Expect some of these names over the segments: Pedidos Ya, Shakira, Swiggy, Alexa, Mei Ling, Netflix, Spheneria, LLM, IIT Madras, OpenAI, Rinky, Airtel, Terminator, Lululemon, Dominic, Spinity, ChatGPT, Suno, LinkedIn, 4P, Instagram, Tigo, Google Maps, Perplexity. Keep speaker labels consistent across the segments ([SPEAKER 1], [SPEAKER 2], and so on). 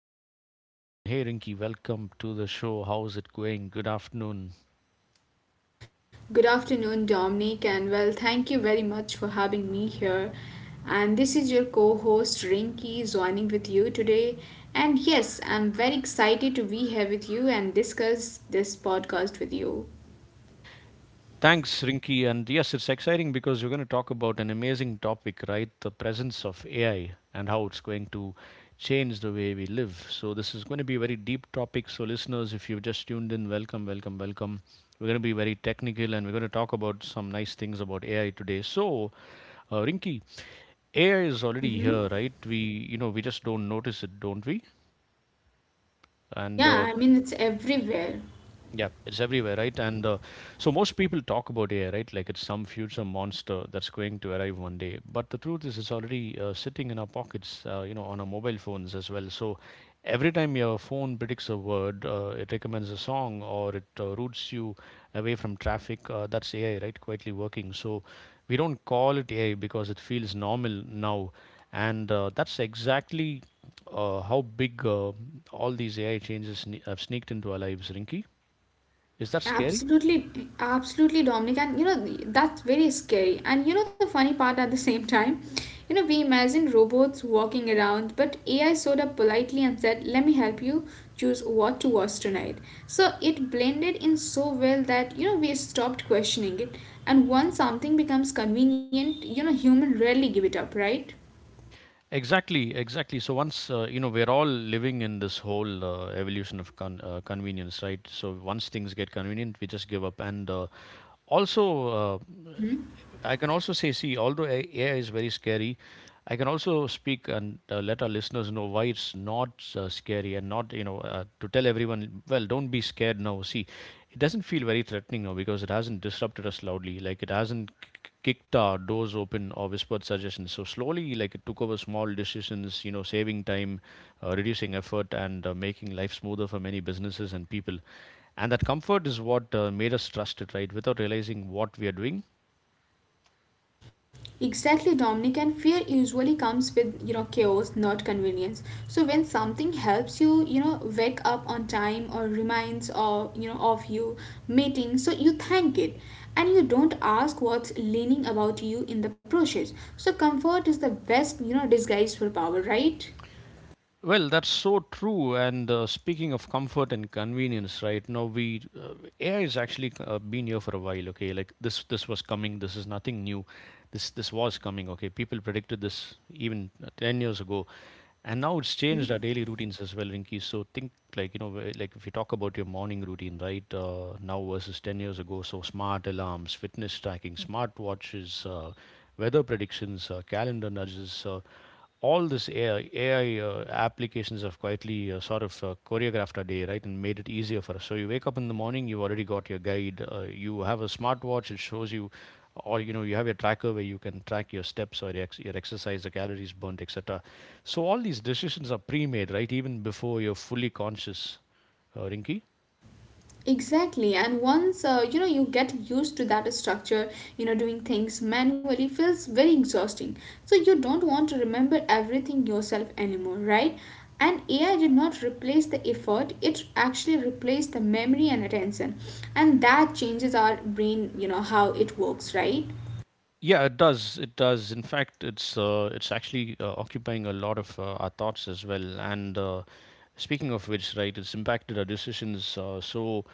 [SPEAKER 1] listeners. Hello, everyone. Hey, Rinky, welcome to the show. How's it going? Good afternoon.
[SPEAKER 2] Good afternoon, Dominic, and well, thank you very much for having me here. And this is your co host Rinky joining with you today. And yes, I'm very excited to be here with you and discuss this podcast with you.
[SPEAKER 1] Thanks, Rinky. And yes, it's exciting because we're going to talk about an amazing topic, right? The presence of AI and how it's going to change the way we live. So, this is going to be a very deep topic. So, listeners, if you've just tuned in, welcome, welcome, welcome. We're going to be very technical and we're going to talk about some nice things about AI today. So, Rinky, AI is already
[SPEAKER 2] Hmm.
[SPEAKER 1] here, right? We we just don't notice it, don't we? And
[SPEAKER 2] Yeah, I mean, it's everywhere.
[SPEAKER 1] yeah, it's everywhere, right? And so most people talk about AI, right? Like it's some future monster that's going to arrive one day. But the truth is, it's already sitting in our pockets, you know, on our mobile phones as well. So every time your phone predicts a word, it recommends a song or it routes you away from traffic. That's AI, right? Quietly working. So we don't call it AI because it feels normal now. And that's exactly how big all these AI changes have sneaked into our lives, Rinky. Is that scary?
[SPEAKER 2] Absolutely, absolutely, Dominic. That's very scary. The funny part at the same time, we imagine robots walking around, but AI showed up politely and said, let me help you choose what to watch tonight. So it blended in so well that, we stopped questioning it. And once something becomes convenient, human rarely give it up, right?
[SPEAKER 1] Exactly, exactly. So once you know we're all living in this whole evolution of convenience, right? So once things get convenient, we just give up. And also, uh, I can also say, see, although AI is very scary, I can also speak and let our listeners know why it's not scary and not you know to tell everyone, well, don't be scared now. See, it doesn't feel very threatening now because it hasn't disrupted us loudly. Like it hasn't kicked our doors open or whispered suggestions. So slowly, like it took over small decisions, you know, saving time, reducing effort, and making life smoother for many businesses and people. And that comfort is what made us trust it, right? Without realizing what we are doing.
[SPEAKER 2] Exactly, Dominic, and fear usually comes with chaos, not convenience. So when something helps you, wake up on time or reminds or of you meeting, so you thank it, and you don't ask what's leaning about you in the process. So comfort is the best disguise for power, right?
[SPEAKER 1] Well, that's so true. And speaking of comfort and convenience, right now we AI is actually been here for a while. Okay, like this was coming. This is nothing new. This was coming. Okay, people predicted this even 10 years ago. And now it's changed
[SPEAKER 2] Mhm.
[SPEAKER 1] our daily routines as well, Rinki. So think like, you know, like if you talk about your morning routine, right, now versus 10 years ago. So smart alarms, fitness tracking, smart watches, weather predictions, calendar nudges, all this AI, applications have quietly sort of choreographed our day, right, and made it easier for us. So you wake up in the morning, you've already got your guide. You have a smartwatch; it shows you, or you know you have a tracker where you can track your steps or your exercise, the calories burnt, etc. So all these decisions are pre-made, right, even before you're fully conscious, Rinky.
[SPEAKER 2] Exactly, and once you get used to that structure, doing things manually feels very exhausting. So you don't want to remember everything yourself anymore, right? And AI did not replace the effort, it actually replaced the memory and attention. And that changes our brain, how it works, right?
[SPEAKER 1] Yeah, it does. It does. In fact, it's actually occupying a lot of our thoughts as well. And speaking of which, right, it's impacted our decisions.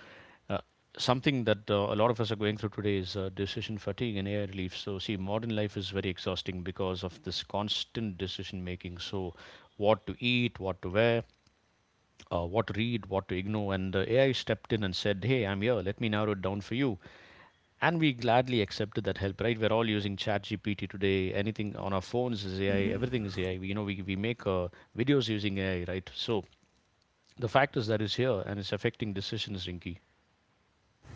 [SPEAKER 1] uh, something that a lot of us are going through today is decision fatigue and air relief. So see, modern life is very exhausting because of this constant decision making. So what to eat, what to wear, what to read, what to ignore. And the AI stepped in and said, Hey, I'm here. Let me narrow it down for you. And we gladly accepted that help, right? We're all using ChatGPT today. Anything on our phones is AI. Everything is AI. We, you know, we make videos using AI, right? So the fact is that it's here and it's affecting decisions, Rinky.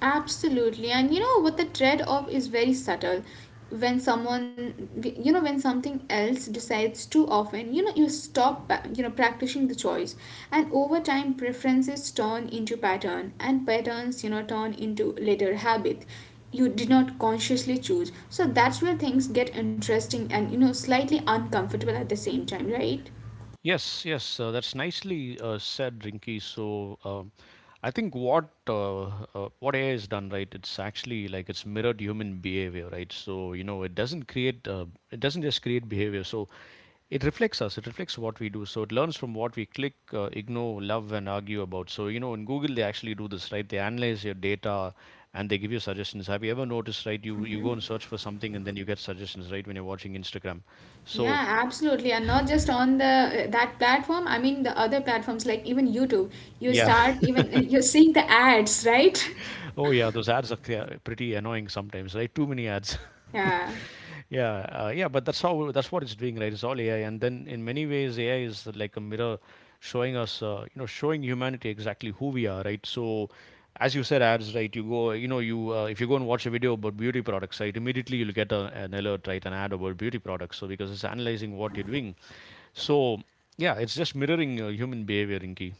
[SPEAKER 2] Absolutely. And you know what, the trade off is very subtle. When someone, when something else decides too often, you stop, practicing the choice. And over time, preferences turn into pattern, and patterns, turn into later habit you did not consciously choose. So that's where things get interesting and, slightly uncomfortable at the same time, right?
[SPEAKER 1] Yes, yes, that's nicely said, Rinky. So, I think what AI has done, right? It's actually like it's mirrored human behavior, right? So you know, it doesn't it doesn't just create behavior. So it reflects us. It reflects what we do. So it learns from what we click, ignore, love, and argue about. So you know, in Google, they actually do this, right? They analyze your data and they give you suggestions. Have you ever noticed, right? You go and search for something, and then you get suggestions, right? When you're watching Instagram, so
[SPEAKER 2] Yeah, absolutely. And not just on the that platform, I mean the other platforms like even YouTube. You
[SPEAKER 1] yeah.
[SPEAKER 2] start even you're seeing the ads, right?
[SPEAKER 1] Oh yeah, those ads are pretty annoying sometimes, right? Too many ads.
[SPEAKER 2] Yeah.
[SPEAKER 1] Yeah, yeah, but that's what it's doing, right? It's all AI, and then in many ways, AI is like a mirror showing us, showing humanity exactly who we are, right? So, as you said, ads, right? You go, you know, you if you go and watch a video about beauty products, right? Immediately you'll get an alert, right? An ad about beauty products, so because it's analyzing what you're doing. So, yeah, it's just mirroring human behavior, Inky.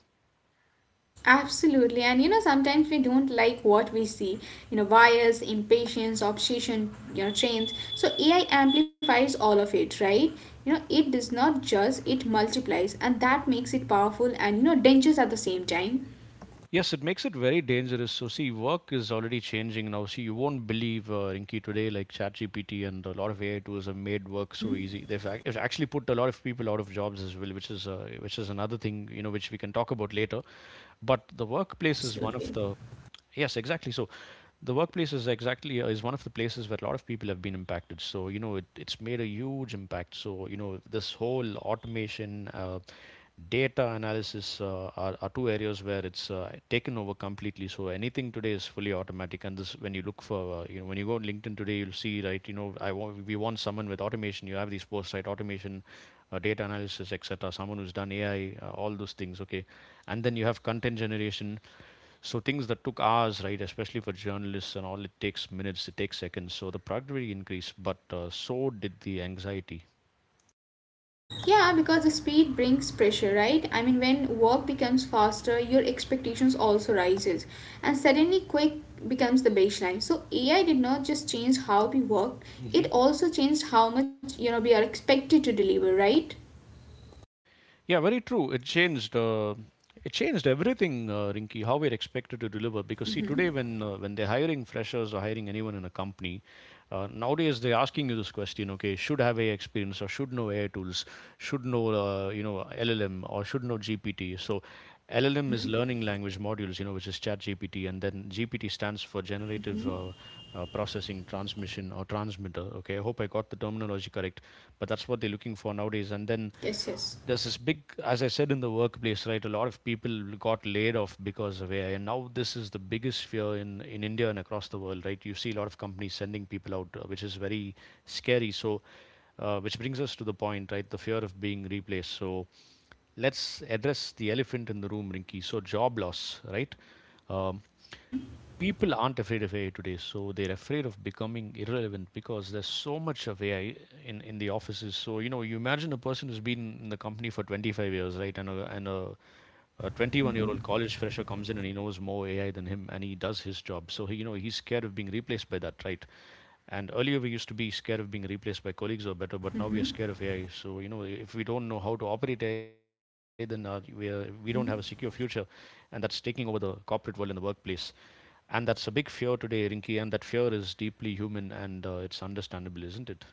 [SPEAKER 2] Absolutely. And sometimes we don't like what we see. Bias, impatience, obsession, trains. So AI amplifies all of it, right? It does not just, it multiplies, and that makes it powerful and dangerous at the same time.
[SPEAKER 1] Yes, it makes it very dangerous. So, see, work is already changing now. See, you won't believe, Rinky, today, like ChatGPT and a lot of AI tools have made work so
[SPEAKER 2] Hmm.
[SPEAKER 1] easy. It's actually put a lot of people out of jobs as well, which is another thing, you know, which we can talk about later. But the
[SPEAKER 2] Yeah,
[SPEAKER 1] workplace is one of
[SPEAKER 2] absolutely.
[SPEAKER 1] the, yes, exactly. So, the workplace is exactly is one of the places where a lot of people have been impacted. So you know it, it's made a huge impact. So you know this whole automation, data analysis are two areas where it's taken over completely. So anything today is fully automatic. And this, when you look for you know, when you go on LinkedIn today, you'll see, right, you know, I want we want someone with automation. You have these posts, right? Automation, data analysis, etc. Someone who's done AI, all those things. Okay, and then you have content generation. So things that took hours, right, especially for journalists and all, it takes minutes, it takes seconds. So the productivity increased, but so did the anxiety.
[SPEAKER 2] Yeah, because the speed brings pressure, right? I mean, when work becomes faster, your expectations also rises, and suddenly quick becomes the baseline. So AI did not just change how we worked; it
[SPEAKER 1] Hmm.
[SPEAKER 2] also changed how much we are expected to deliver, right?
[SPEAKER 1] Yeah, very true. It changed. It changed everything, Rinky. How we're expected to deliver. Because see,
[SPEAKER 2] Mm-hmm,
[SPEAKER 1] today when they're hiring freshers or hiring anyone in a company, nowadays they're asking you this question. Okay, should have AI experience or should know AI tools, should know LLM or should know GPT. So LLM is
[SPEAKER 2] mm-hmm.
[SPEAKER 1] learning language modules, you know, which is Chat GPT, and then GPT stands for generative processing transmission or transmitter. Okay, I hope I got the terminology correct, but that's what they're looking for nowadays. And then
[SPEAKER 2] Yes, yes.
[SPEAKER 1] there's this big, as I said, in the workplace, right, a lot of people got laid off because of AI. And now this is the biggest fear in India and across the world, right? You see a lot of companies sending people out, which is very scary. So which brings us to the point, right, the fear of being replaced. So let's address the elephant in the room, Rinky. So job loss, right? um, people aren't afraid of AI today, so they're afraid of becoming irrelevant because there's so much of AI in the offices. So you know, you imagine a person who's been in the company for 25 years, right? And a 21-year-old college fresher comes in and he knows more AI than him, and he does his job. So he, you know, he's scared of being replaced by that, right? And earlier we used to be scared of being replaced by colleagues or better, but now we are
[SPEAKER 2] Mm-hmm,
[SPEAKER 1] scared of AI. So you know, if we don't know how to operate AI, then we don't have a secure future,
[SPEAKER 2] mm-hmm.
[SPEAKER 1] and that's taking over the corporate world and the workplace. And that's a big fear today, Rinki, and that fear is deeply human and it's understandable, isn't it?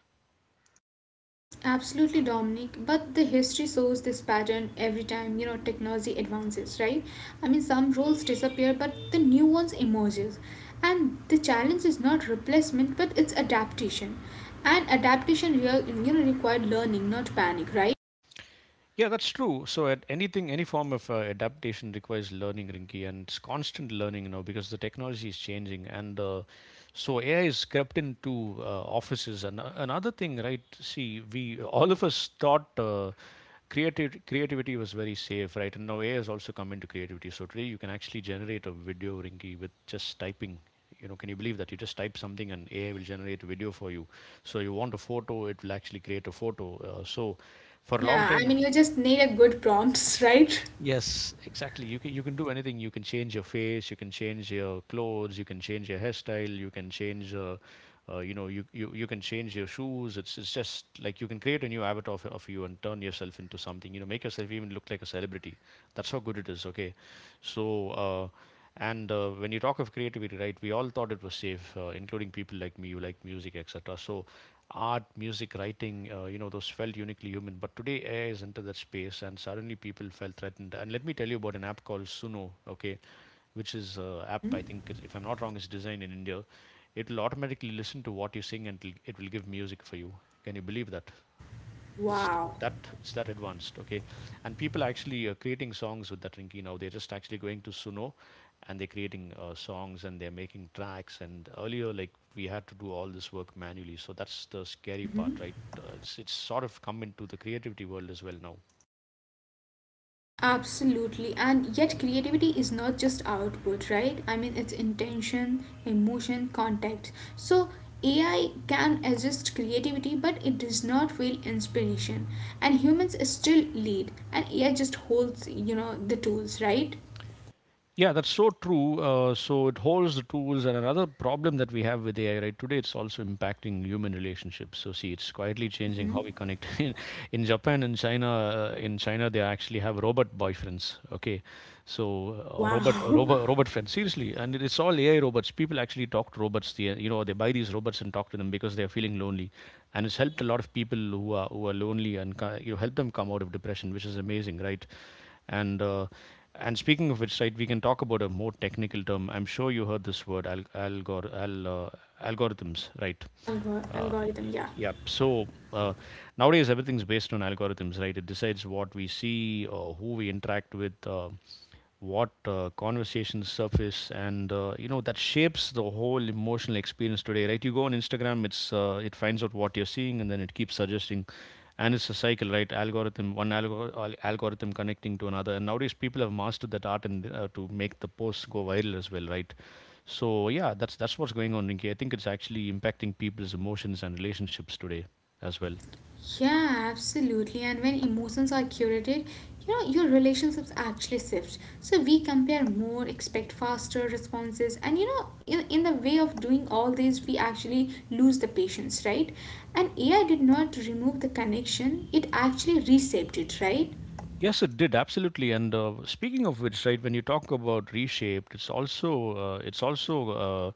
[SPEAKER 2] Absolutely, Dominic. But the history shows this pattern every time technology advances, right? I mean, some roles disappear, but the new ones emerges, and the challenge is not replacement, but it's adaptation, and adaptation real required learning, not panic, right?
[SPEAKER 1] Yeah, that's true. So, at anything, any form of adaptation requires learning, Rinky, and it's constant learning, you know, because the technology is changing. And So, AI is crept into offices. And another thing, right? See, we all of us thought creative creativity was very safe, right? And now AI has also come into creativity. So today, you can actually generate a video, Rinky, with just typing. You know, can you believe that you just type something and AI will generate a video for you? So you want a photo, it will actually create a photo. So for a long
[SPEAKER 2] Yeah, I mean,
[SPEAKER 1] time.
[SPEAKER 2] you just need a good prompts, right?
[SPEAKER 1] Yes, exactly. You can do anything. You can change your face. You can change your clothes. You can change your hairstyle. You can change, you know, you can change your shoes. It's just like you can create a new avatar of you and turn yourself into something. You know, make yourself even look like a celebrity. That's how good it is. Okay, so. Uh, and when you talk of creativity, right, we all thought it was safe, including people like me. You like music, etc. So, art, music, writing, those felt uniquely human. But today, AI is into that space, and suddenly people felt threatened. And let me tell you about an app called Suno. Okay, which is app, I think, if I'm not wrong, is designed in India. It will automatically listen to what you sing and it will give music for you. Can you believe that? This is th
[SPEAKER 2] Wow.
[SPEAKER 1] that it's that advanced. Okay, and people actually are creating songs with that, Rinky. Now they're just actually going to Suno and they're creating songs and they're making tracks, and earlier, like, we had to do all this work manually. So that's the scary part, right? It's sort of come into the creativity world as well now.
[SPEAKER 2] Absolutely, and yet creativity is not just output, right? I mean, it's intention, emotion, context. So, AI can assist creativity, but it does not feel inspiration. And humans still lead, and AI just holds, the tools, right?
[SPEAKER 1] Yeah, that's so true. So it holds the tools, and another problem that we have with AI right today, it's also impacting human relationships. So see, it's quietly changing how we connect in Japan and China, in China they actually have robot boyfriends. Okay, so uh, robot
[SPEAKER 2] Wow.
[SPEAKER 1] robot robot friends. Seriously, and it's all AI robots. People actually talk to robots. They, you know, they buy these robots and talk to them because they are feeling lonely, and it's helped a lot of people who are lonely and you know, help them come out of depression, which is amazing, right? And uh, and speaking of which, right, we can talk about a more technical term. I'm sure you heard this word, algorithms, right?
[SPEAKER 2] Algo-
[SPEAKER 1] Uh,
[SPEAKER 2] algorithm, yeah.
[SPEAKER 1] yep. Nowadays everything's based on algorithms, right? It decides what we see, who we interact with, what conversations surface, and you know, that shapes the whole emotional experience today, right? You go on Instagram, it finds out what you're seeing, and then it keeps suggesting, and it's a cycle, right? Algorithm, one algorithm connecting to another, and nowadays people have mastered that art and to make the posts go viral as well, right? So yeah, that's what's going on, Rinki. I think it's actually impacting people's emotions and relationships today as well.
[SPEAKER 2] Yeah, absolutely. And when emotions are curated, your relationships actually shift. So we compare more, expect faster responses, and in the way of doing all this, we actually lose the patience, right? And AI did not remove the connection, it actually reshaped it, right?
[SPEAKER 1] Yes, it did, absolutely. And speaking of which, right, when you talk about reshaped, it's also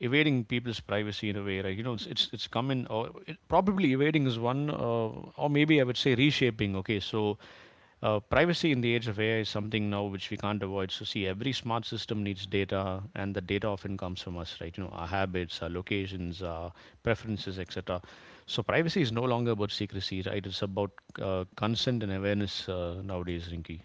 [SPEAKER 1] evading people's privacy in a way, right? You know, it's come in, or it, probably evading is one, or maybe I would say reshaping. Okay, so privacy in the age of AI is something now which we can't avoid. So see, every smart system needs data, and the data often comes from us, right? You know, our habits, our locations, our preferences, etc. So, privacy is no longer about secrecy, right? It's about consent and awareness nowadays, Rinki.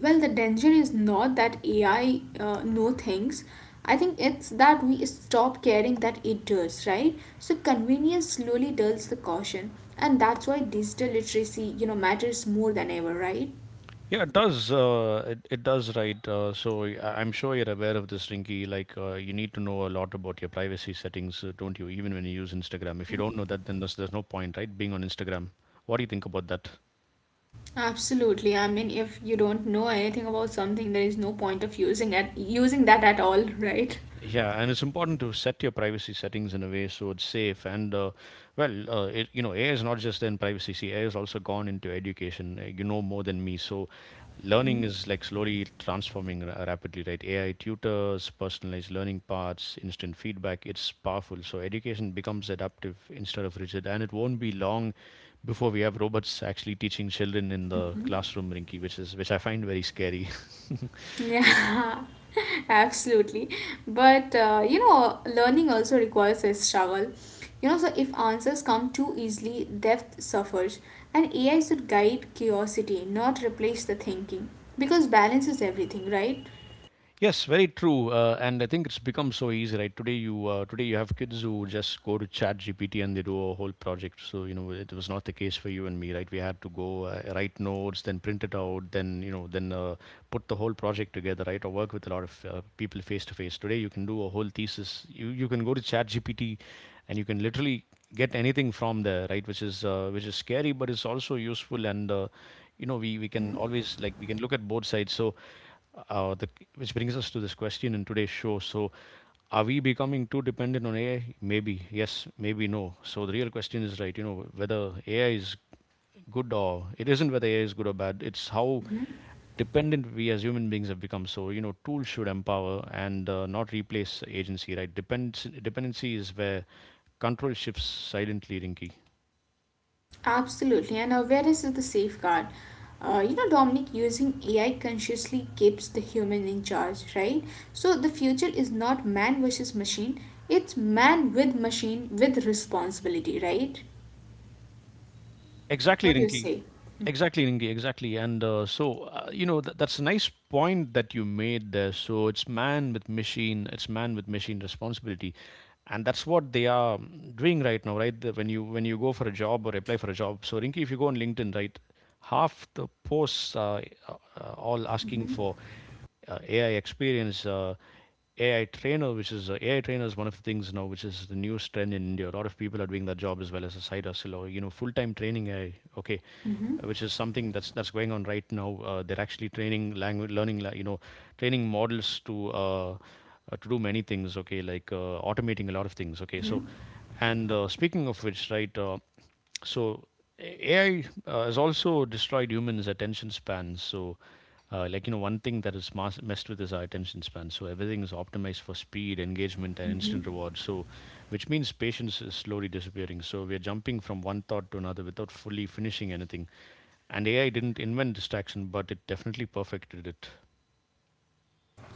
[SPEAKER 2] Well, the danger is not that AI know things. I think it's that we stop caring that it does, right? So convenience slowly dulls the caution, and that's why digital literacy, matters more than ever, right?
[SPEAKER 1] Yeah, it does. It does, right? I'm sure you're aware of this, Rinky. Like, you need to know a lot about your privacy settings, don't you? Even when you use Instagram. If you don't know that, then there's no point, right? Being on Instagram. What do you think about that?
[SPEAKER 2] Absolutely. I mean, if you don't know anything about something, there is no point of using it, using that at all, right?
[SPEAKER 1] Yeah, and it's important to set your privacy settings in a way so it's safe. You know, AI is not just in privacy. See, AI has also gone into education. You know more than me, so learning is like slowly transforming rapidly, right? AI tutors, personalized learning paths, instant feedback. It's powerful. So education becomes adaptive instead of rigid, and it won't be long before we have robots actually teaching children in the classroom, Rinky, which is which I find very scary.
[SPEAKER 2] Yeah, absolutely. But learning also requires a struggle. So if answers come too easily, depth suffers. And AI should guide curiosity, not replace the thinking. Because balance is everything, right?
[SPEAKER 1] Yes, very true. And I think it's become so easy, right? Today you have kids who just go to Chat GPT and they do a whole project. So you know, it was not the case for you and me, right? We had to go write notes, then print it out, then put the whole project together, right? Or work with a lot of people face to face. Today, you can do a whole thesis. You can go to Chat GPT, and you can literally get anything from there, right? Which is which is scary, but it's also useful. And You know, we can always, like, we can look at both sides. So the Which brings us to this question in today's show. So are we becoming too dependent on AI? Maybe yes, maybe no. So the real question is, right, you know, whether AI is good or it isn't, whether AI is good or bad, it's how dependent we as human beings have become. So you know, tools should empower and not replace agency, right? depends Dependency is where control shifts silently, Rinky.
[SPEAKER 2] Absolutely. And awareness is the safeguard. Dominic, using AI consciously keeps the human in charge, right? So the future is not man versus machine, it's man with machine with responsibility, right?
[SPEAKER 1] Exactly,
[SPEAKER 2] What do you
[SPEAKER 1] Rinki.
[SPEAKER 2] say?
[SPEAKER 1] Exactly, Rinki. Exactly. You know, that's a nice point that you made there. So it's man with machine, it's man with machine responsibility. And that's what they are doing right now, right? When you go for a job or apply for a job. So, Rinki, if you go on LinkedIn, right, half the posts are uh, all asking
[SPEAKER 2] Mm-hmm.
[SPEAKER 1] for AI experience. AI trainer, which is AI trainer, is one of the things now, which is the newest trend in India. A lot of people are doing that job as well, as a side hustle or, you know, full time training AI. Okay,
[SPEAKER 2] Mm-hmm.
[SPEAKER 1] which is something that's going on right now. They're actually training language, learning, you know, training models to do many things. Okay, like automating a lot of things. Okay, so
[SPEAKER 2] Mm-hmm.
[SPEAKER 1] and speaking of which, right. So AI has also destroyed humans' attention spans. So, like, you know, one thing that is messed with is our attention span. So everything is optimized for speed, engagement, and instant reward. So, which means patience is slowly disappearing. So we are jumping from one thought to another without fully finishing anything. And AI didn't invent distraction, but it definitely perfected it.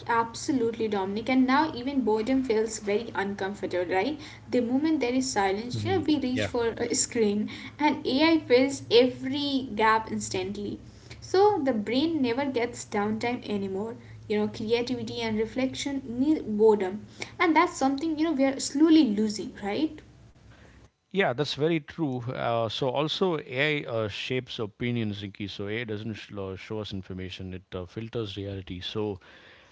[SPEAKER 2] Absolutely, Dominic. And now even boredom feels very uncomfortable, right? The moment there is silence, we reach
[SPEAKER 1] Yeah.
[SPEAKER 2] for a screen and AI fills every gap instantly. So the brain never gets downtime anymore. Creativity and reflection need boredom. And that's something, we are slowly losing, right?
[SPEAKER 1] Yeah, that's very true. So also AI shapes opinions, Ricky. So AI doesn't show us information; it filters reality. So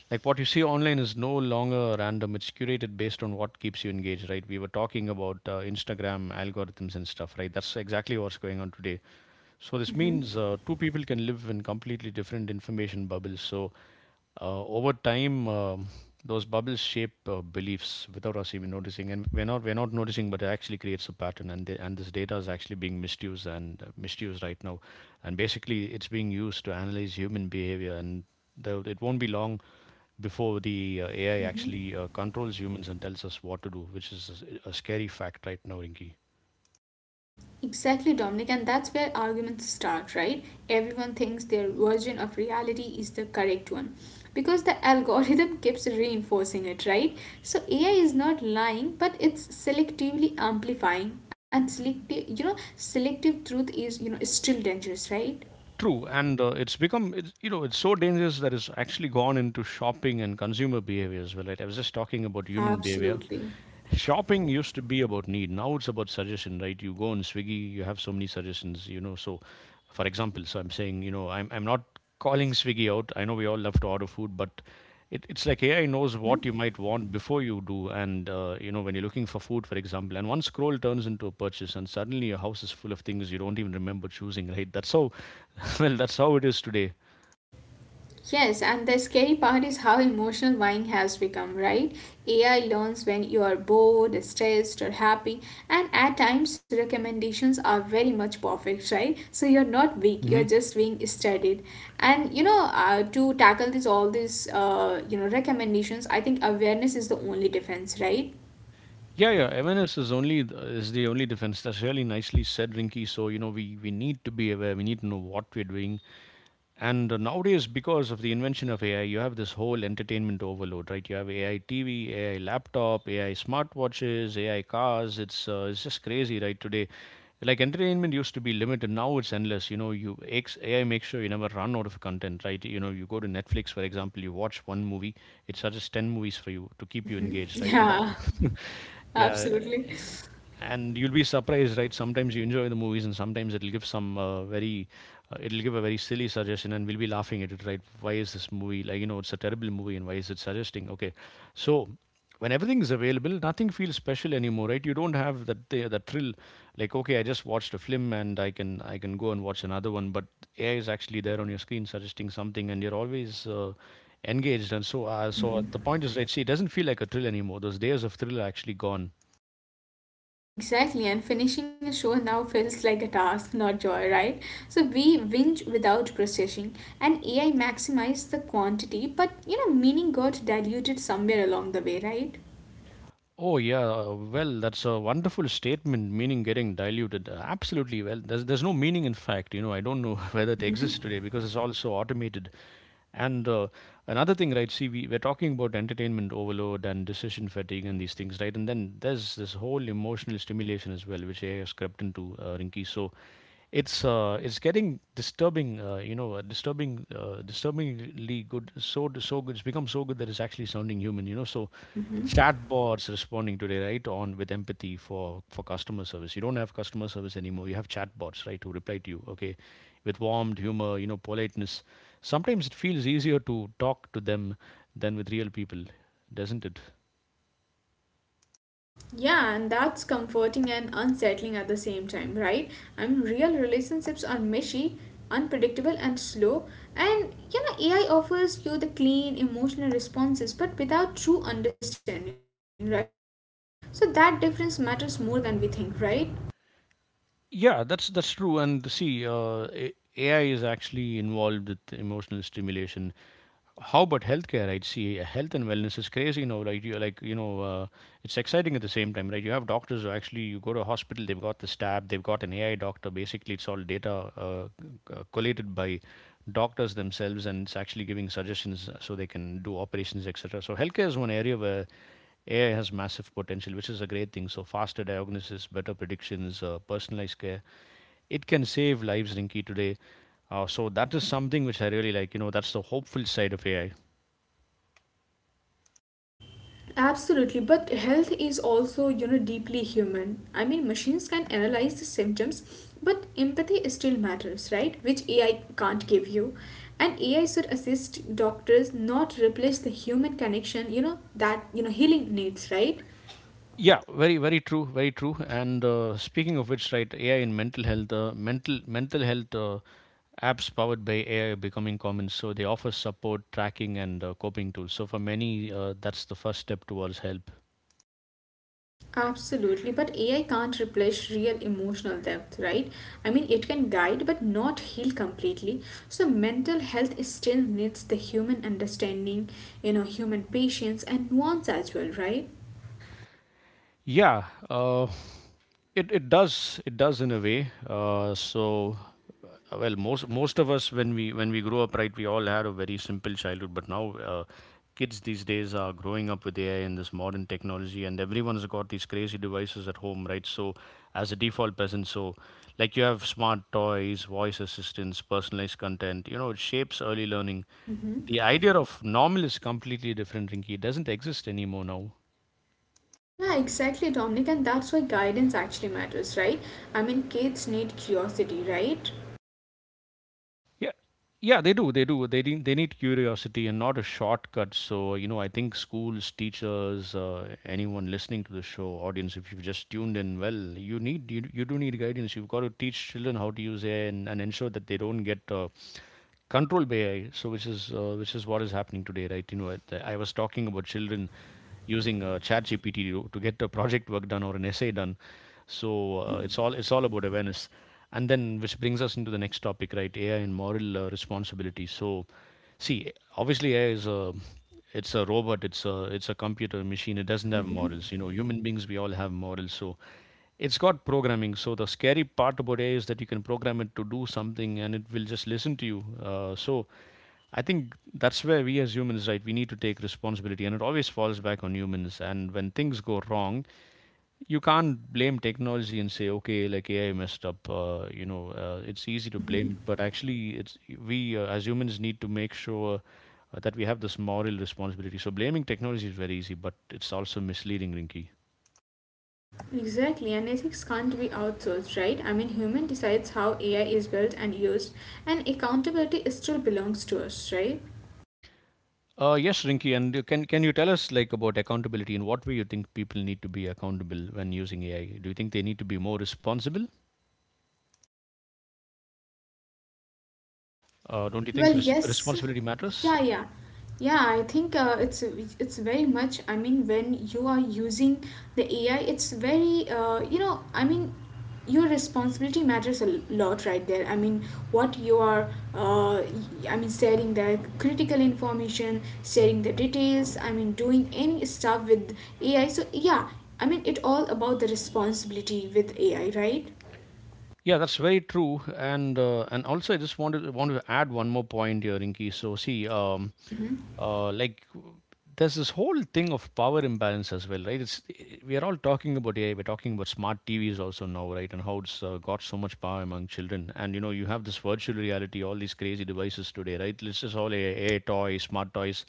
[SPEAKER 1] like, what you see online is no longer random, it's curated based on what keeps you engaged, right? We were talking about Instagram algorithms and stuff, right? That's exactly what's going on today. So this
[SPEAKER 2] Mm-hmm.
[SPEAKER 1] means two people can live in completely different information bubbles. So over time those bubbles shape beliefs without us even noticing, and we're not noticing, but it actually creates a pattern. And and this data is actually being misused and misused right now. And basically, it's being used to analyze human behavior. And it won't be long before the AI actually controls humans and tells us what to do, which is a scary fact right now, Rinki.
[SPEAKER 2] Exactly, Dominic, and that's where arguments start, right? Everyone thinks their version of reality is the correct one because the algorithm keeps reinforcing it, right? So AI is not lying, but it's selectively amplifying, and selective truth is, still dangerous, right?
[SPEAKER 1] True, and it's become, you know, it's so dangerous that it's actually gone into shopping and consumer behavior as well. Right, I was just talking about human behavior.
[SPEAKER 2] Absolutely.
[SPEAKER 1] Shopping used to be about need. Now it's about suggestion, right? You go on Swiggy, you have so many suggestions, you know. So, for example, so I'm saying, you know, I'm not calling Swiggy out. I know we all love to order food, but it's like AI knows what
[SPEAKER 2] Mm-hmm.
[SPEAKER 1] you might want before you do. And you know, when you're looking for food, for example, and one scroll turns into a purchase, and suddenly your house is full of things you don't even remember choosing, right? That's how well, that's how it is today.
[SPEAKER 2] Yes, and the scary part is how emotional buying has become, right? AI learns when you are bored, stressed, or happy, and at times recommendations are very much perfect, right? So you're not weak, you're
[SPEAKER 1] Mhm.
[SPEAKER 2] just being studied. And to tackle this all these you know recommendations, I think awareness is the only defense, right?
[SPEAKER 1] Yeah, yeah. Awareness is is the only defense. That's really nicely said, Rinky. So you know, we need to be aware. We need to know what we're doing. And nowadays, because of the invention of AI, you have this whole entertainment overload, right? You have AI TV, AI laptop, AI smartwatches, AI cars. It's just crazy, right? Today, like entertainment used to be limited. Now it's endless. You know, AI makes sure you never run out of content, right? You know, you go to Netflix, for example, you watch one movie, it suggests ten movies for you to keep you engaged, right? And
[SPEAKER 2] Yeah,
[SPEAKER 1] that, Yeah,
[SPEAKER 2] absolutely.
[SPEAKER 1] and you'll be surprised, right? Sometimes you enjoy the movies and sometimes it'll give some very it'll give a very silly suggestion and we'll be laughing at it, right? Why is this movie, like, it's a terrible movie and why is it suggesting? Okay, so when everything is available, nothing feels special anymore, right? You don't have that, that thrill. Like, okay, I just watched a film and I can go and watch another one, but AI is actually there on your screen suggesting something and you're always engaged. And so the point is, right, see, it doesn't feel like a thrill anymore. Those days of thrill are actually gone.
[SPEAKER 2] Exactly, and finishing a show now feels like a task, not joy, right? So we binge without processing, and AI maximized the quantity, but meaning got diluted somewhere along the way, right?
[SPEAKER 1] Oh yeah, well, that's a wonderful statement. Meaning getting diluted, absolutely. Well, there's no meaning, in fact. You know, I don't know whether it exists today because it's all so automated. And Another thing, right? See, we're talking about entertainment overload and decision fatigue and these things, right? And then there's this whole emotional stimulation as well, which AI has crept into, Rinki. So it's getting disturbing, disturbingly good. So so good. It's become so good that it's actually sounding human, you know. So
[SPEAKER 2] Hmm.
[SPEAKER 1] chatbots responding today, right, on with empathy for customer service. You don't have customer service anymore. You have chatbots, right, who reply to you, okay, with warmth, humor, you know, politeness. Sometimes it feels easier to talk to them than with real people, doesn't it?
[SPEAKER 2] Yeah, and that's comforting and unsettling at the same time, right? I mean, real relationships are meshy, unpredictable, and slow. And AI offers you the clean emotional responses, but without true understanding, right? So that difference matters more than we think, right?
[SPEAKER 1] Yeah, that's true. And see, AI is actually involved with emotional stimulation. How about healthcare? I'd see, health and wellness is crazy now. Like you know, it's exciting at the same time, right? You have doctors who actually, you go to a hospital, they've got this tab, they've got an AI doctor. Basically, it's all data collated by doctors themselves, and it's actually giving suggestions so they can do operations, etc. So healthcare is one area where AI has massive potential, which is a great thing. So, faster diagnosis, better predictions, personalized care. It can save lives, Rinki, today. So, that is something which I really like. You know, that's the hopeful side of AI.
[SPEAKER 2] Absolutely, but health is also, deeply human. I mean, machines can analyze the symptoms, but empathy still matters, right? Which AI can't give you. And AI should assist doctors, not replace the human connection, that, healing needs, right?
[SPEAKER 1] Yeah, very, very true, very true. And speaking of which, right, AI in mental health, mental health apps powered by AI are becoming common. So they offer support, tracking, and coping tools. So for many, that's the first step towards help.
[SPEAKER 2] Absolutely, but AI can't replace real emotional depth, right? I mean, it can guide but not heal completely. So, mental health is still needs the human understanding, human patience and nuance as well, right?
[SPEAKER 1] Yeah, uh, it does in a way. Well, most of us, when we grow up, right, we all had a very simple childhood. But now, uh, kids these days are growing up with AI and this modern technology, and everyone's got these crazy devices at home, right? So, as a default peasant, so like you have smart toys, voice assistants, personalized content. You know, it shapes early learning.
[SPEAKER 2] Hmm.
[SPEAKER 1] The idea of normal is completely different, Rinky. It doesn't exist anymore now.
[SPEAKER 2] Yeah, exactly, Dominic, and that's why guidance actually matters, right? I mean, kids need curiosity, right?
[SPEAKER 1] Yeah, yeah, they do. They do. They need curiosity and not a shortcut. So, you know, I think schools, teachers, anyone listening to the show, audience, if you've just tuned in, well, you do need guidance. You've got to teach children how to use AI and ensure that they don't get controlled by AI. So, which is what is happening today, right? You know, I was talking about children using ChatGPT to get a project work done or an essay done. So
[SPEAKER 2] Hmm.
[SPEAKER 1] it's all about awareness, and then which brings us into the next topic, right? AI and moral responsibility. So, see, obviously AI is a it's a computer machine. It doesn't have morals. You know, human beings, we all have morals. So it's got programming. So the scary part about AI is that you can program it to do something and it will just listen to you. So I think that's where we, as humans, right, we need to take responsibility and it always falls back on humans. And when things go wrong, you can't blame technology and say, okay, like AI messed up. It's easy to blame it,
[SPEAKER 2] Hmm.
[SPEAKER 1] but actually, it's we as humans, need to make sure that we have this moral responsibility. So blaming technology is very easy, but it's also misleading, Rinky.
[SPEAKER 2] Exactly, and ethics can't be outsourced, right? I mean, human decides how AI is built and used, and accountability still belongs to us, right?
[SPEAKER 1] Yes, Rinky, and you can you tell us, like, about accountability? In what way you think people need to be accountable when using AI? Do you think they need to be more responsible? Don't you think
[SPEAKER 2] Well, yes,
[SPEAKER 1] responsibility matters?
[SPEAKER 2] yeah, yeah, yeah. I think it's very much. I mean, when you are using the AI, it's very. I mean, your responsibility matters a lot right there. I mean, what you are. Uh, I mean, sharing the critical information, sharing the details. I mean, doing any stuff with AI. So yeah, I mean, it all about the responsibility with AI, right?
[SPEAKER 1] Yeah, that's very true. And also, I just want to add one more point here, Inky. So see,
[SPEAKER 2] Mm-hmm.
[SPEAKER 1] uh, like w- there's this whole thing of power imbalance as well, right? We are all talking about AI. We're talking about smart TVs also now, right? And how it's got so much power among children. And you know, you have this virtual reality, all these crazy devices today, right? This is all AI, AI toys, smart toys.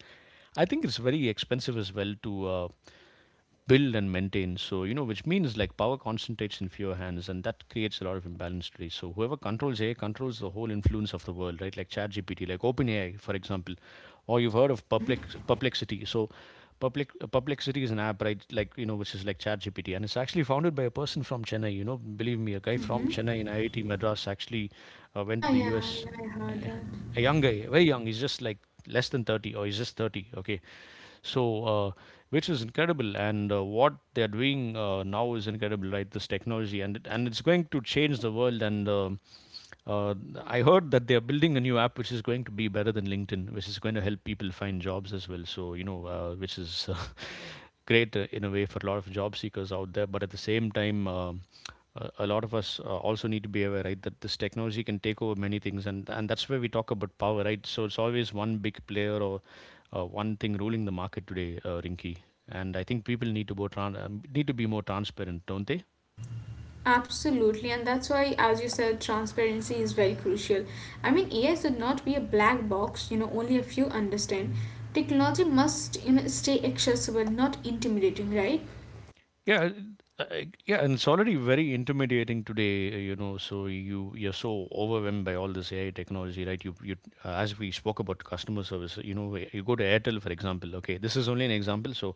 [SPEAKER 1] I think it's very expensive as well to. Build and maintain. So, you know, which means like power concentrates in fewer hands and that creates a lot of imbalance today. So, whoever controls AI controls the whole influence of the world, right? Like ChatGPT, like OpenAI, for example, or you've heard of
[SPEAKER 2] Mm-hmm.
[SPEAKER 1] Perplexity. So, Perplexity is an app, right? Like, you know, which is like ChatGPT. And it's actually founded by a person from Chennai. You know, believe me, a guy from
[SPEAKER 2] Mm-hmm.
[SPEAKER 1] Chennai in IIT Madras actually went
[SPEAKER 2] Yeah,
[SPEAKER 1] to the
[SPEAKER 2] yeah,
[SPEAKER 1] US.
[SPEAKER 2] yeah. I heard that.
[SPEAKER 1] A young guy, very young. He's just like less than 30 or he's just 30. Okay. So, which is incredible, and what they're doing now is incredible, right? This technology, and and it's going to change the world. And uh, I heard that they're building a new app which is going to be better than LinkedIn, which is going to help people find jobs as well. So, you know, which is great in a way for a lot of job seekers out there. But at the same time, a lot of us also need to be aware, right, that this technology can take over many things, and that's where we talk about power, right? So it's always one big player or one thing ruling the market today, Rinky. And I think people need to go need to be more transparent, don't they?
[SPEAKER 2] Absolutely, and that's why, as you said, transparency is very crucial. I mean, AI should not be a black box, only a few understand. Technology must, stay accessible, not intimidating, right?
[SPEAKER 1] Yeah, uh, yeah, and it's already very intimidating today, you know. So you're so overwhelmed by all this AI technology, right? You As we spoke about customer service, you know, you go to Airtel, for example. Okay, this is only an example. So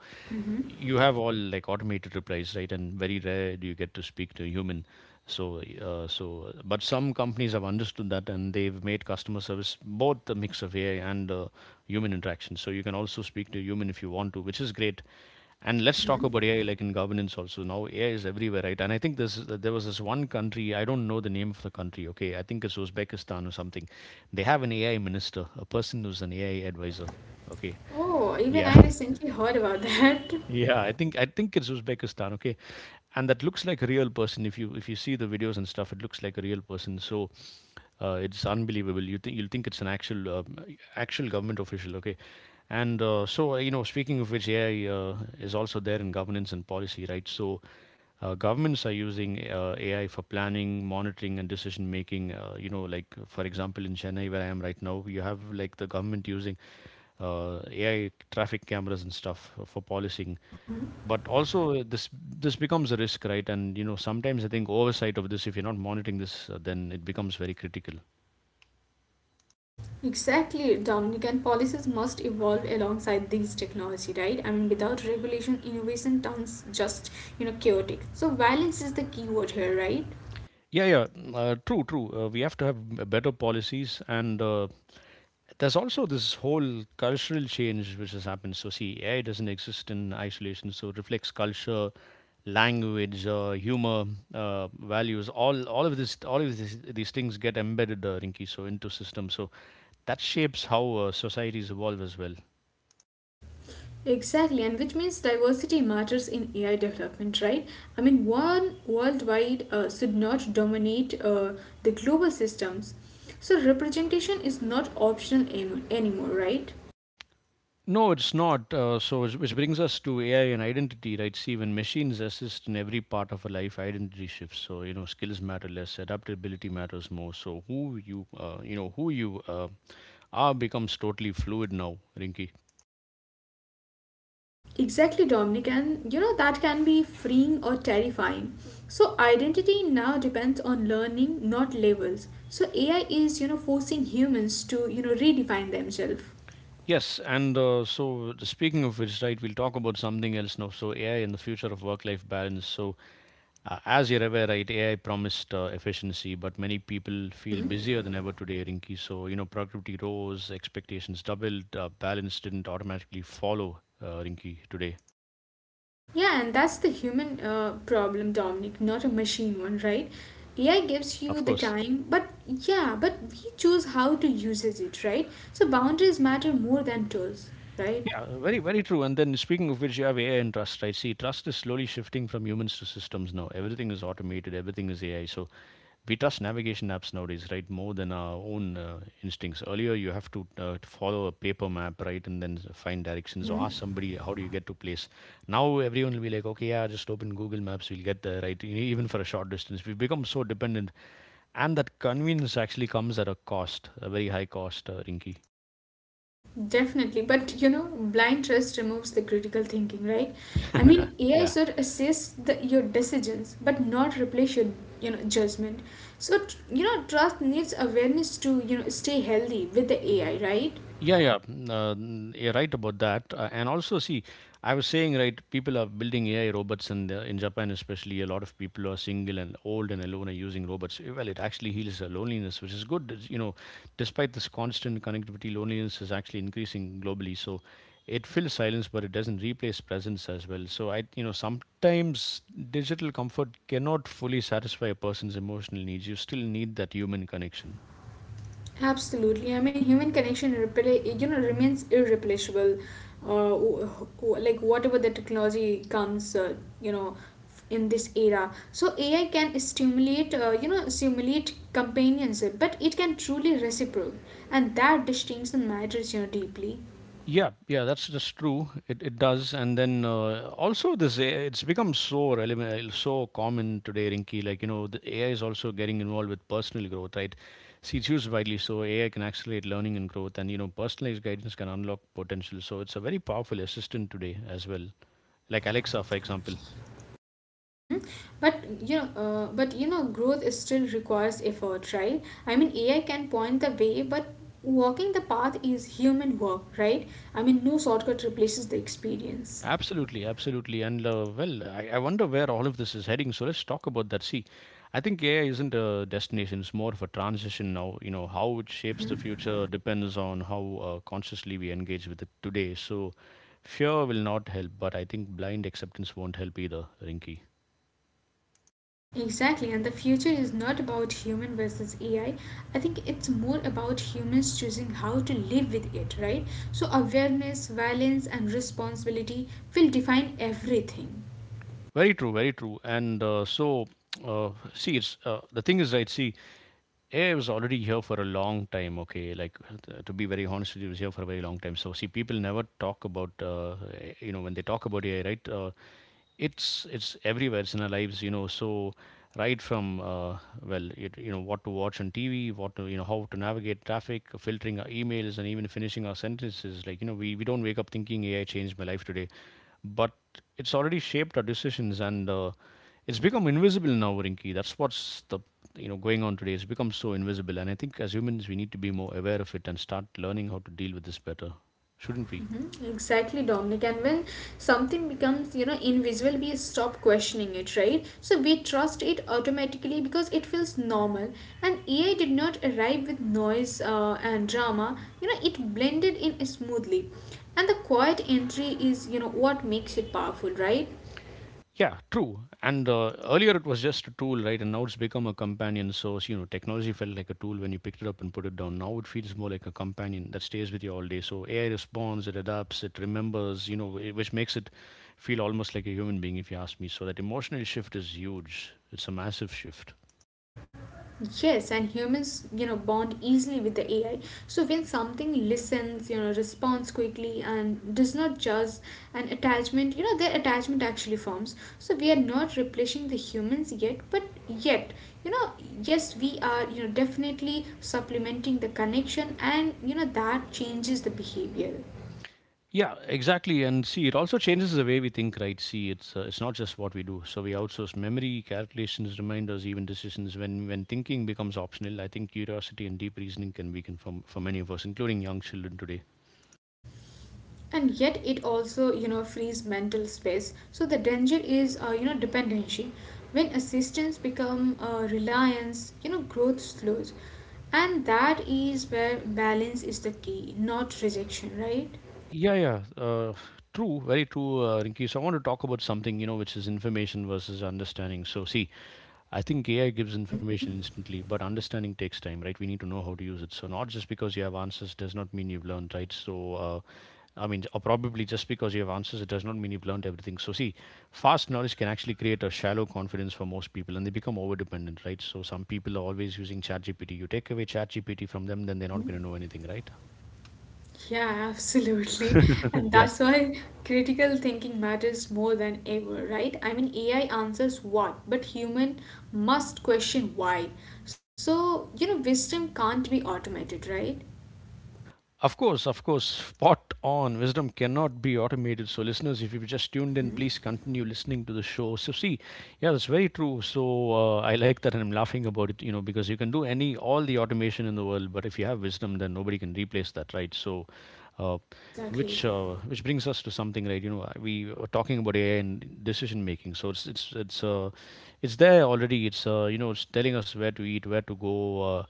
[SPEAKER 1] you have all like automated replies, right? And very rare do you get to speak to a human. But some companies have understood that and they've made customer service both the mix of AI and human interaction, so you can also speak to a human if you want to, which is great. And let's talk
[SPEAKER 2] Mhm.
[SPEAKER 1] about AI, like in governance also now. AI is everywhere, right? And I think this is, there was this one country, I don't know the name of the country, okay, I think it's Uzbekistan or something. They have an AI minister, a person who's an AI advisor. Okay.
[SPEAKER 2] Oh, even
[SPEAKER 1] Yeah.
[SPEAKER 2] I recently heard about that.
[SPEAKER 1] Yeah, I think it's Uzbekistan, okay? And that looks like a real person. If you see the videos and stuff, it looks like a real person. So it's unbelievable. You think you'll think it's an actual government official, okay? And so You know, speaking of which, AI is also there in governance and policy, right? So governments are using AI for planning, monitoring, and decision making. You know, like for example, in Chennai, where I am right now, you have like the government using AI traffic cameras and stuff for policing, but also this becomes a risk, right? And you know, sometimes I think oversight of this, if you're not monitoring this, then it becomes very critical.
[SPEAKER 2] Exactly, Dominican policies must evolve alongside these technology, right? I mean, without regulation, innovation turns just, chaotic. So, balance is the key word here, right?
[SPEAKER 1] Yeah, yeah, true. We have to have better policies, and there's also this whole cultural change which has happened. So see, AI doesn't exist in isolation, so it reflects culture, language, humor, uh, values, all of these things get embedded, Rinky, so into systems, so that shapes how societies evolve as well.
[SPEAKER 2] Exactly, and which means diversity matters in AI development, right? I mean, one worldwide should not dominate the global systems. So, representation is not optional anymore, right?
[SPEAKER 1] No, it's not. Which brings us to AI and identity, right? See, when machines assist in every part of a life, identity shifts. So, you know, skills matter less, adaptability matters more. So, who you, are becomes totally fluid now, Rinki.
[SPEAKER 2] Exactly, Dominic, and that can be freeing or terrifying. So, identity now depends on learning, not labels. So, AI is forcing humans to redefine themselves.
[SPEAKER 1] Yes, and so speaking of which, right, we'll talk about something else now. So, AI and the future of work-life balance. So, as you're aware, right, AI promised efficiency, but many people feel busier than ever today, Rinki. So, you know, productivity rose, expectations doubled, balance didn't automatically follow, Rinki, today.
[SPEAKER 2] Yeah, and that's the human problem, Dominic, not a machine one, right? AI gives you
[SPEAKER 1] Of
[SPEAKER 2] the
[SPEAKER 1] course.
[SPEAKER 2] time, but we choose how to use it, right? So boundaries matter more than tools, right?
[SPEAKER 1] Yeah, very, very true. And then speaking of which, you have AI and trust, right? See, trust is slowly shifting from humans to systems now. Everything is automated, everything is AI. So we trust navigation apps nowadays, right, more than our own instincts. Earlier you have to follow a paper map, right, and then find directions or
[SPEAKER 2] Hmm.
[SPEAKER 1] ask somebody how do you get to place. Now everyone will be like, okay, yeah, just open Google Maps, we'll get there, right? Even for a short distance we've become so dependent, and that convenience actually comes at a cost, a very high cost, Rinky.
[SPEAKER 2] Definitely, but blind trust removes the critical thinking, right? I mean, AI
[SPEAKER 1] Yeah.
[SPEAKER 2] should assist your decisions, but not replace your judgment. So trust needs awareness to stay healthy with the AI, right?
[SPEAKER 1] Yeah, yeah, you're right about that. And also, see, I was saying, right, people are building AI robots, and in Japan especially, a lot of people who are single and old and alone are using robots. Eh, well, it actually heals loneliness, which is good. It's, you know, despite this constant connectivity, loneliness is actually increasing globally. So it fills silence, but it doesn't replace presence as well. So I, you know, sometimes digital comfort cannot fully satisfy a person's emotional needs. You still need that human connection.
[SPEAKER 2] Absolutely. I mean, human connection, remains irreplaceable. Uh, w- like whatever the technology comes, you know, in this era. So AI can simulate companionship, but it can truly reciprocate, and that distinction matters, deeply.
[SPEAKER 1] Yeah, yeah, that's true. It does, and then also this AI, it's become so relevant, so common today, Rinky. Like you know, the AI is also getting involved with personal growth, right? See, it's used widely, so AI can accelerate learning and growth, and you know, personalized guidance can unlock potential. So it's a very powerful assistant today as well, like Alexa, for example.
[SPEAKER 2] Hmm. Growth is still requires effort, right? I mean, AI can point the way, but walking the path is human work, right? I mean, no shortcut replaces the experience.
[SPEAKER 1] Absolutely, absolutely. And well, I wonder where all of this is heading. So let's talk about that. See, I think AI isn't a destination, it's more of a transition now. You know, how it shapes the
[SPEAKER 2] Hmm.
[SPEAKER 1] future depends on how consciously we engage with it today. So fear will not help, but I think blind acceptance won't help either, Rinky.
[SPEAKER 2] Exactly, and the future is not about human versus AI. I think it's more about humans choosing how to live with it, right? So awareness, balance, and responsibility will define everything.
[SPEAKER 1] Very true, very true. And see, it's the thing is, right? See, AI was already here for a long time, okay? Like, to be very honest with you, it was here for a very long time. So, see, people never talk about, you know, when they talk about AI, right? It's everywhere. It's in our lives, you know. So, right from well, it, you know, what to watch on TV, what to, you know, how to navigate traffic, filtering our emails, and even finishing our sentences. Like, you know, we don't wake up thinking AI changed my life today, but it's already shaped our decisions, and it's become invisible now, Rinki. That's what's the, you know, going on today. It's become so invisible, and I think as humans we need to be more aware of it and start learning how to deal with this better, shouldn't we?
[SPEAKER 2] Mhm. Exactly, Dominic. And when something becomes, invisible, we stop questioning it, right? So we trust it automatically because it feels normal. And AI did not arrive with noise and drama. It blended in smoothly. And the quiet entry is, what makes it powerful, right?
[SPEAKER 1] Yeah, true. And earlier it was just a tool, right? And now it's become a companion. So you know, technology felt like a tool when you picked it up and put it down. Now it feels more like a companion that stays with you all day. So AI responds, it adapts, it remembers, you know, which makes it feel almost like a human being, if you ask me. So that emotional shift is huge. It's a massive shift.
[SPEAKER 2] Yes, and humans, bond easily with the AI. So when something listens, responds quickly and does not judge an attachment, their attachment actually forms. So we are not replacing the humans yet, but yet, you know, yes, we are, definitely supplementing the connection and, that changes the behavior.
[SPEAKER 1] Yeah, exactly. And see, it also changes the way we think, right? See, it's not just what we do. So we outsource memory, calculations, reminders, even decisions. When thinking becomes optional, I think curiosity and deep reasoning can weaken for many of us, including young children today.
[SPEAKER 2] And yet it also frees mental space. So the danger is dependency. When assistance become reliance, growth slows. And that is where balance is the key, not rejection, right?
[SPEAKER 1] Yeah, yeah. True, very true, Rinki. So I want to talk about something, you know, which is information versus understanding. So see, I think AI gives information
[SPEAKER 2] Hmm.
[SPEAKER 1] instantly, but understanding takes time, right? We need to know how to use it. So not just because you have answers does not mean you've learned, right? So I mean, or probably just because you have answers, it does not mean you've learned everything. So, see, fast knowledge can actually create a shallow confidence for most people, and they become over dependent, right? So, some people are always using ChatGPT. You take away ChatGPT from them, then they're not going to
[SPEAKER 2] Hmm.
[SPEAKER 1] know anything, right?
[SPEAKER 2] Yeah, absolutely. And
[SPEAKER 1] Yeah.
[SPEAKER 2] that's why critical thinking matters more than ever, right? I mean, AI answers what, but human must question why. So wisdom can't be automated, right?
[SPEAKER 1] Of course, spot on. Wisdom cannot be automated. So, listeners, if you've just tuned in, please continue listening to the show. So, see, yeah, that's very true. So, I like that, and I'm laughing about it, you know, because you can do any all the automation in the world, but if you have wisdom, then nobody can replace that, right? So, uh,
[SPEAKER 2] Exactly.
[SPEAKER 1] which brings us to something, right? You know, we were talking about AI and decision making. So it's there already. It's you know, it's telling us where to eat, where to go. Uh,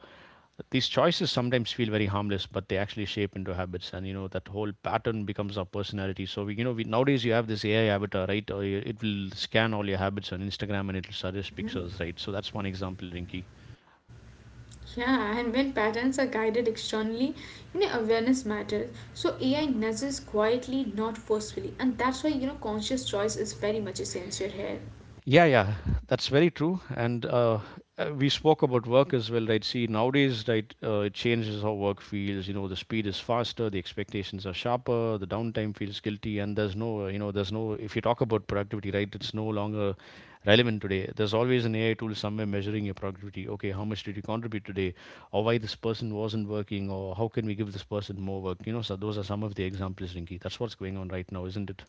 [SPEAKER 1] these choices sometimes feel very harmless, but they actually shape into habits, and you know that whole pattern becomes our personality. So we, you know, we nowadays you have this AI avatar, right, or you, it will scan all your habits on Instagram and it will suggest pictures,
[SPEAKER 2] Hmm.
[SPEAKER 1] right? So that's one example, Rinky.
[SPEAKER 2] Yeah, and when patterns are guided externally, awareness matters. So AI nudges quietly, not forcefully, and that's why conscious choice is very much essential here.
[SPEAKER 1] Yeah, yeah, that's very true. And we spoke about work as well, right? See, nowadays, right, it changes how work feels. You know, the speed is faster, the expectations are sharper, the downtime feels guilty, and there's no, you know, there's no. If you talk about productivity, right, it's no longer relevant today. There's always an AI tool somewhere measuring your productivity. Okay, how much did you contribute today, or why this person wasn't working, or how can we give this person more work? You know, so those are some of the examples, Rinki. That's what's going on right now, isn't it?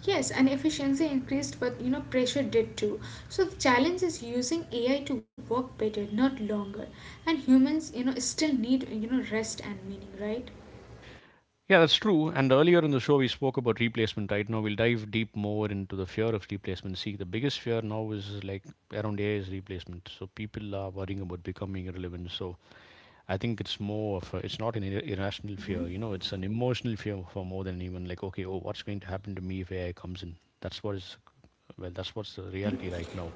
[SPEAKER 2] Yes, and efficiency increased, but pressure did too. So the challenge is using AI to work better, not longer. And humans, still need rest and meaning, right?
[SPEAKER 1] Yeah, that's true. And earlier in the show, we spoke about replacement. Right now, we'll dive deep more into the fear of replacement. See, the biggest fear now is like around AI is replacement. So people are worrying about becoming irrelevant. So I think it's more of a, it's not an irrational
[SPEAKER 2] Mm-hmm.
[SPEAKER 1] fear. You know, it's an emotional fear for more than even like, okay, oh, what's going to happen to me if AI comes in? That's what is, well, that's what's the reality right now.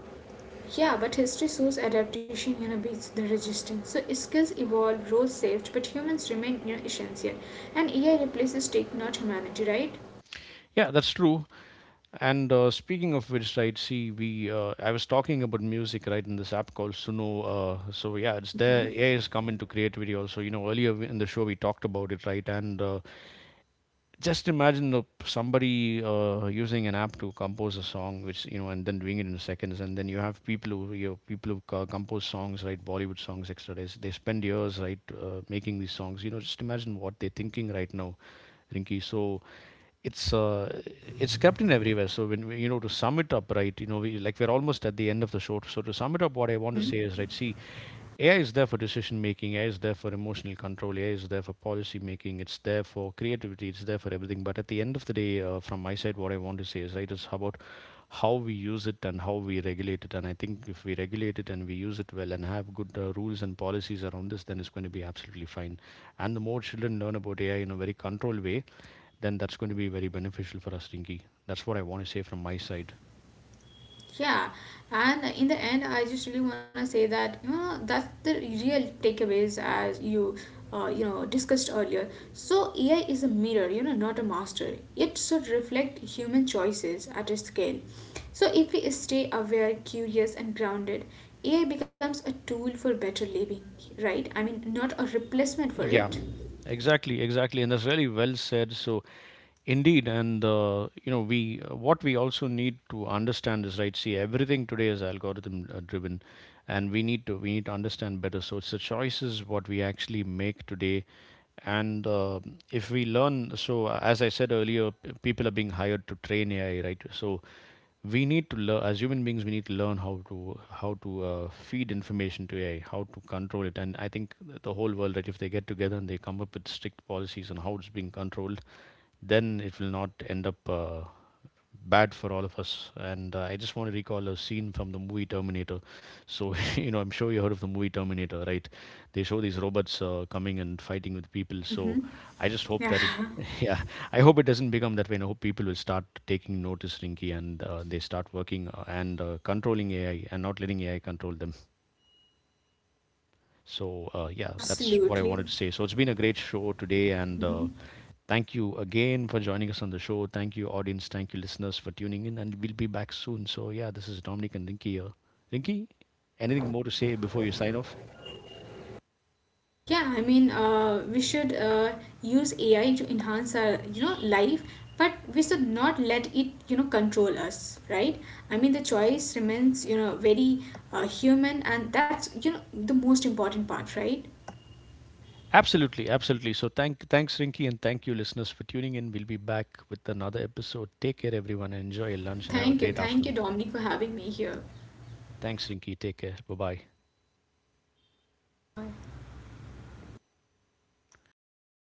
[SPEAKER 2] Yeah, but history shows adaptation beats the resistance. So skills evolve, roles shift, but humans remain essential. And AI replaces tech, not humanity, right?
[SPEAKER 1] Yeah, that's true. And speaking of which, right? See, we I was talking about music, right, in this app called Suno. So yeah, it's
[SPEAKER 2] Mm-hmm.
[SPEAKER 1] there. AI has come into creativity also. You know, earlier in the show we talked about it, right? And just imagine the, somebody using an app to compose a song which you know, and then doing it in seconds. And then you have people who, you know, people who compose songs, right, Bollywood songs, etc. They spend years, right, making these songs. You know, just imagine what they're thinking right now, rinki so it's uh, it's kept in everywhere. So when we, you know, to sum it up, right, you know we, like we're almost at the end of the show. So to sum it up, what I want to say
[SPEAKER 2] Mm-hmm.
[SPEAKER 1] is, right, see, AI is there for decision making, AI is there for emotional control, AI is there for policy making, it's there for creativity, it's there for everything. But at the end of the day, from my side, what I want to say is right is about how we use it and how we regulate it. And I think if we regulate it and we use it well and have good rules and policies around this, then it's going to be absolutely fine. And the more children learn about AI in a very controlled way, then that's going to be very beneficial for us, Rinki. That's what I want to say from my side.
[SPEAKER 2] Yeah, and in the end, I just really want to say that that's the real takeaways as you you know discussed earlier. So AI is a mirror, not a master. It should reflect human choices at a scale. So if we stay aware, curious, and grounded, AI becomes a tool for better living, right? I mean, not a replacement for
[SPEAKER 1] Yeah,
[SPEAKER 2] it.
[SPEAKER 1] exactly, exactly. And that's really well said. So indeed, and you know we what we also need to understand is right. See, everything today is algorithm driven, and we need to understand better. So it's the choices what we actually make today. And if we learn, so as I said earlier, people are being hired to train AI, right? So we need to learn. As human beings we need to learn how to, feed information to AI, how to control it. And I think the whole world, right, if they get together and they come up with strict policies on how it's being controlled, then it will not end up bad for all of us. And I just want to recall a scene from the movie Terminator. So, you know, I'm sure you heard of the movie Terminator, right? They show these robots coming and fighting with people. So
[SPEAKER 2] Mm-hmm.
[SPEAKER 1] I just hope
[SPEAKER 2] Yeah,
[SPEAKER 1] that it, yeah, I hope it doesn't become that way. And I hope people will start taking notice, Rinky, and they start working and controlling AI and not letting AI control them. So, yeah, that's what I
[SPEAKER 2] absolutely.
[SPEAKER 1] wanted to say. So it's been a great show today. And
[SPEAKER 2] Mm-hmm.
[SPEAKER 1] thank you again for joining us on the show. Thank you, audience. Thank you, listeners, for tuning in. And we'll be back soon. So, yeah, this is Dominic and Rinky here. Rinky, anything more to say before you sign off?
[SPEAKER 2] Yeah, I mean, we should use AI to enhance our, life, but we should not let it, control us, right? I mean, the choice remains, very human, and that's, the most important part, right?
[SPEAKER 1] Absolutely, absolutely. So, thank, thanks, Rinky, and thank you, listeners, for tuning in. We'll be back with another episode. Take care, everyone, and enjoy your lunch and have a great
[SPEAKER 2] Thank you,
[SPEAKER 1] afternoon.
[SPEAKER 2] Dominic, for having me here.
[SPEAKER 1] Thanks, Rinky. Take care. Bye bye.
[SPEAKER 2] Bye bye.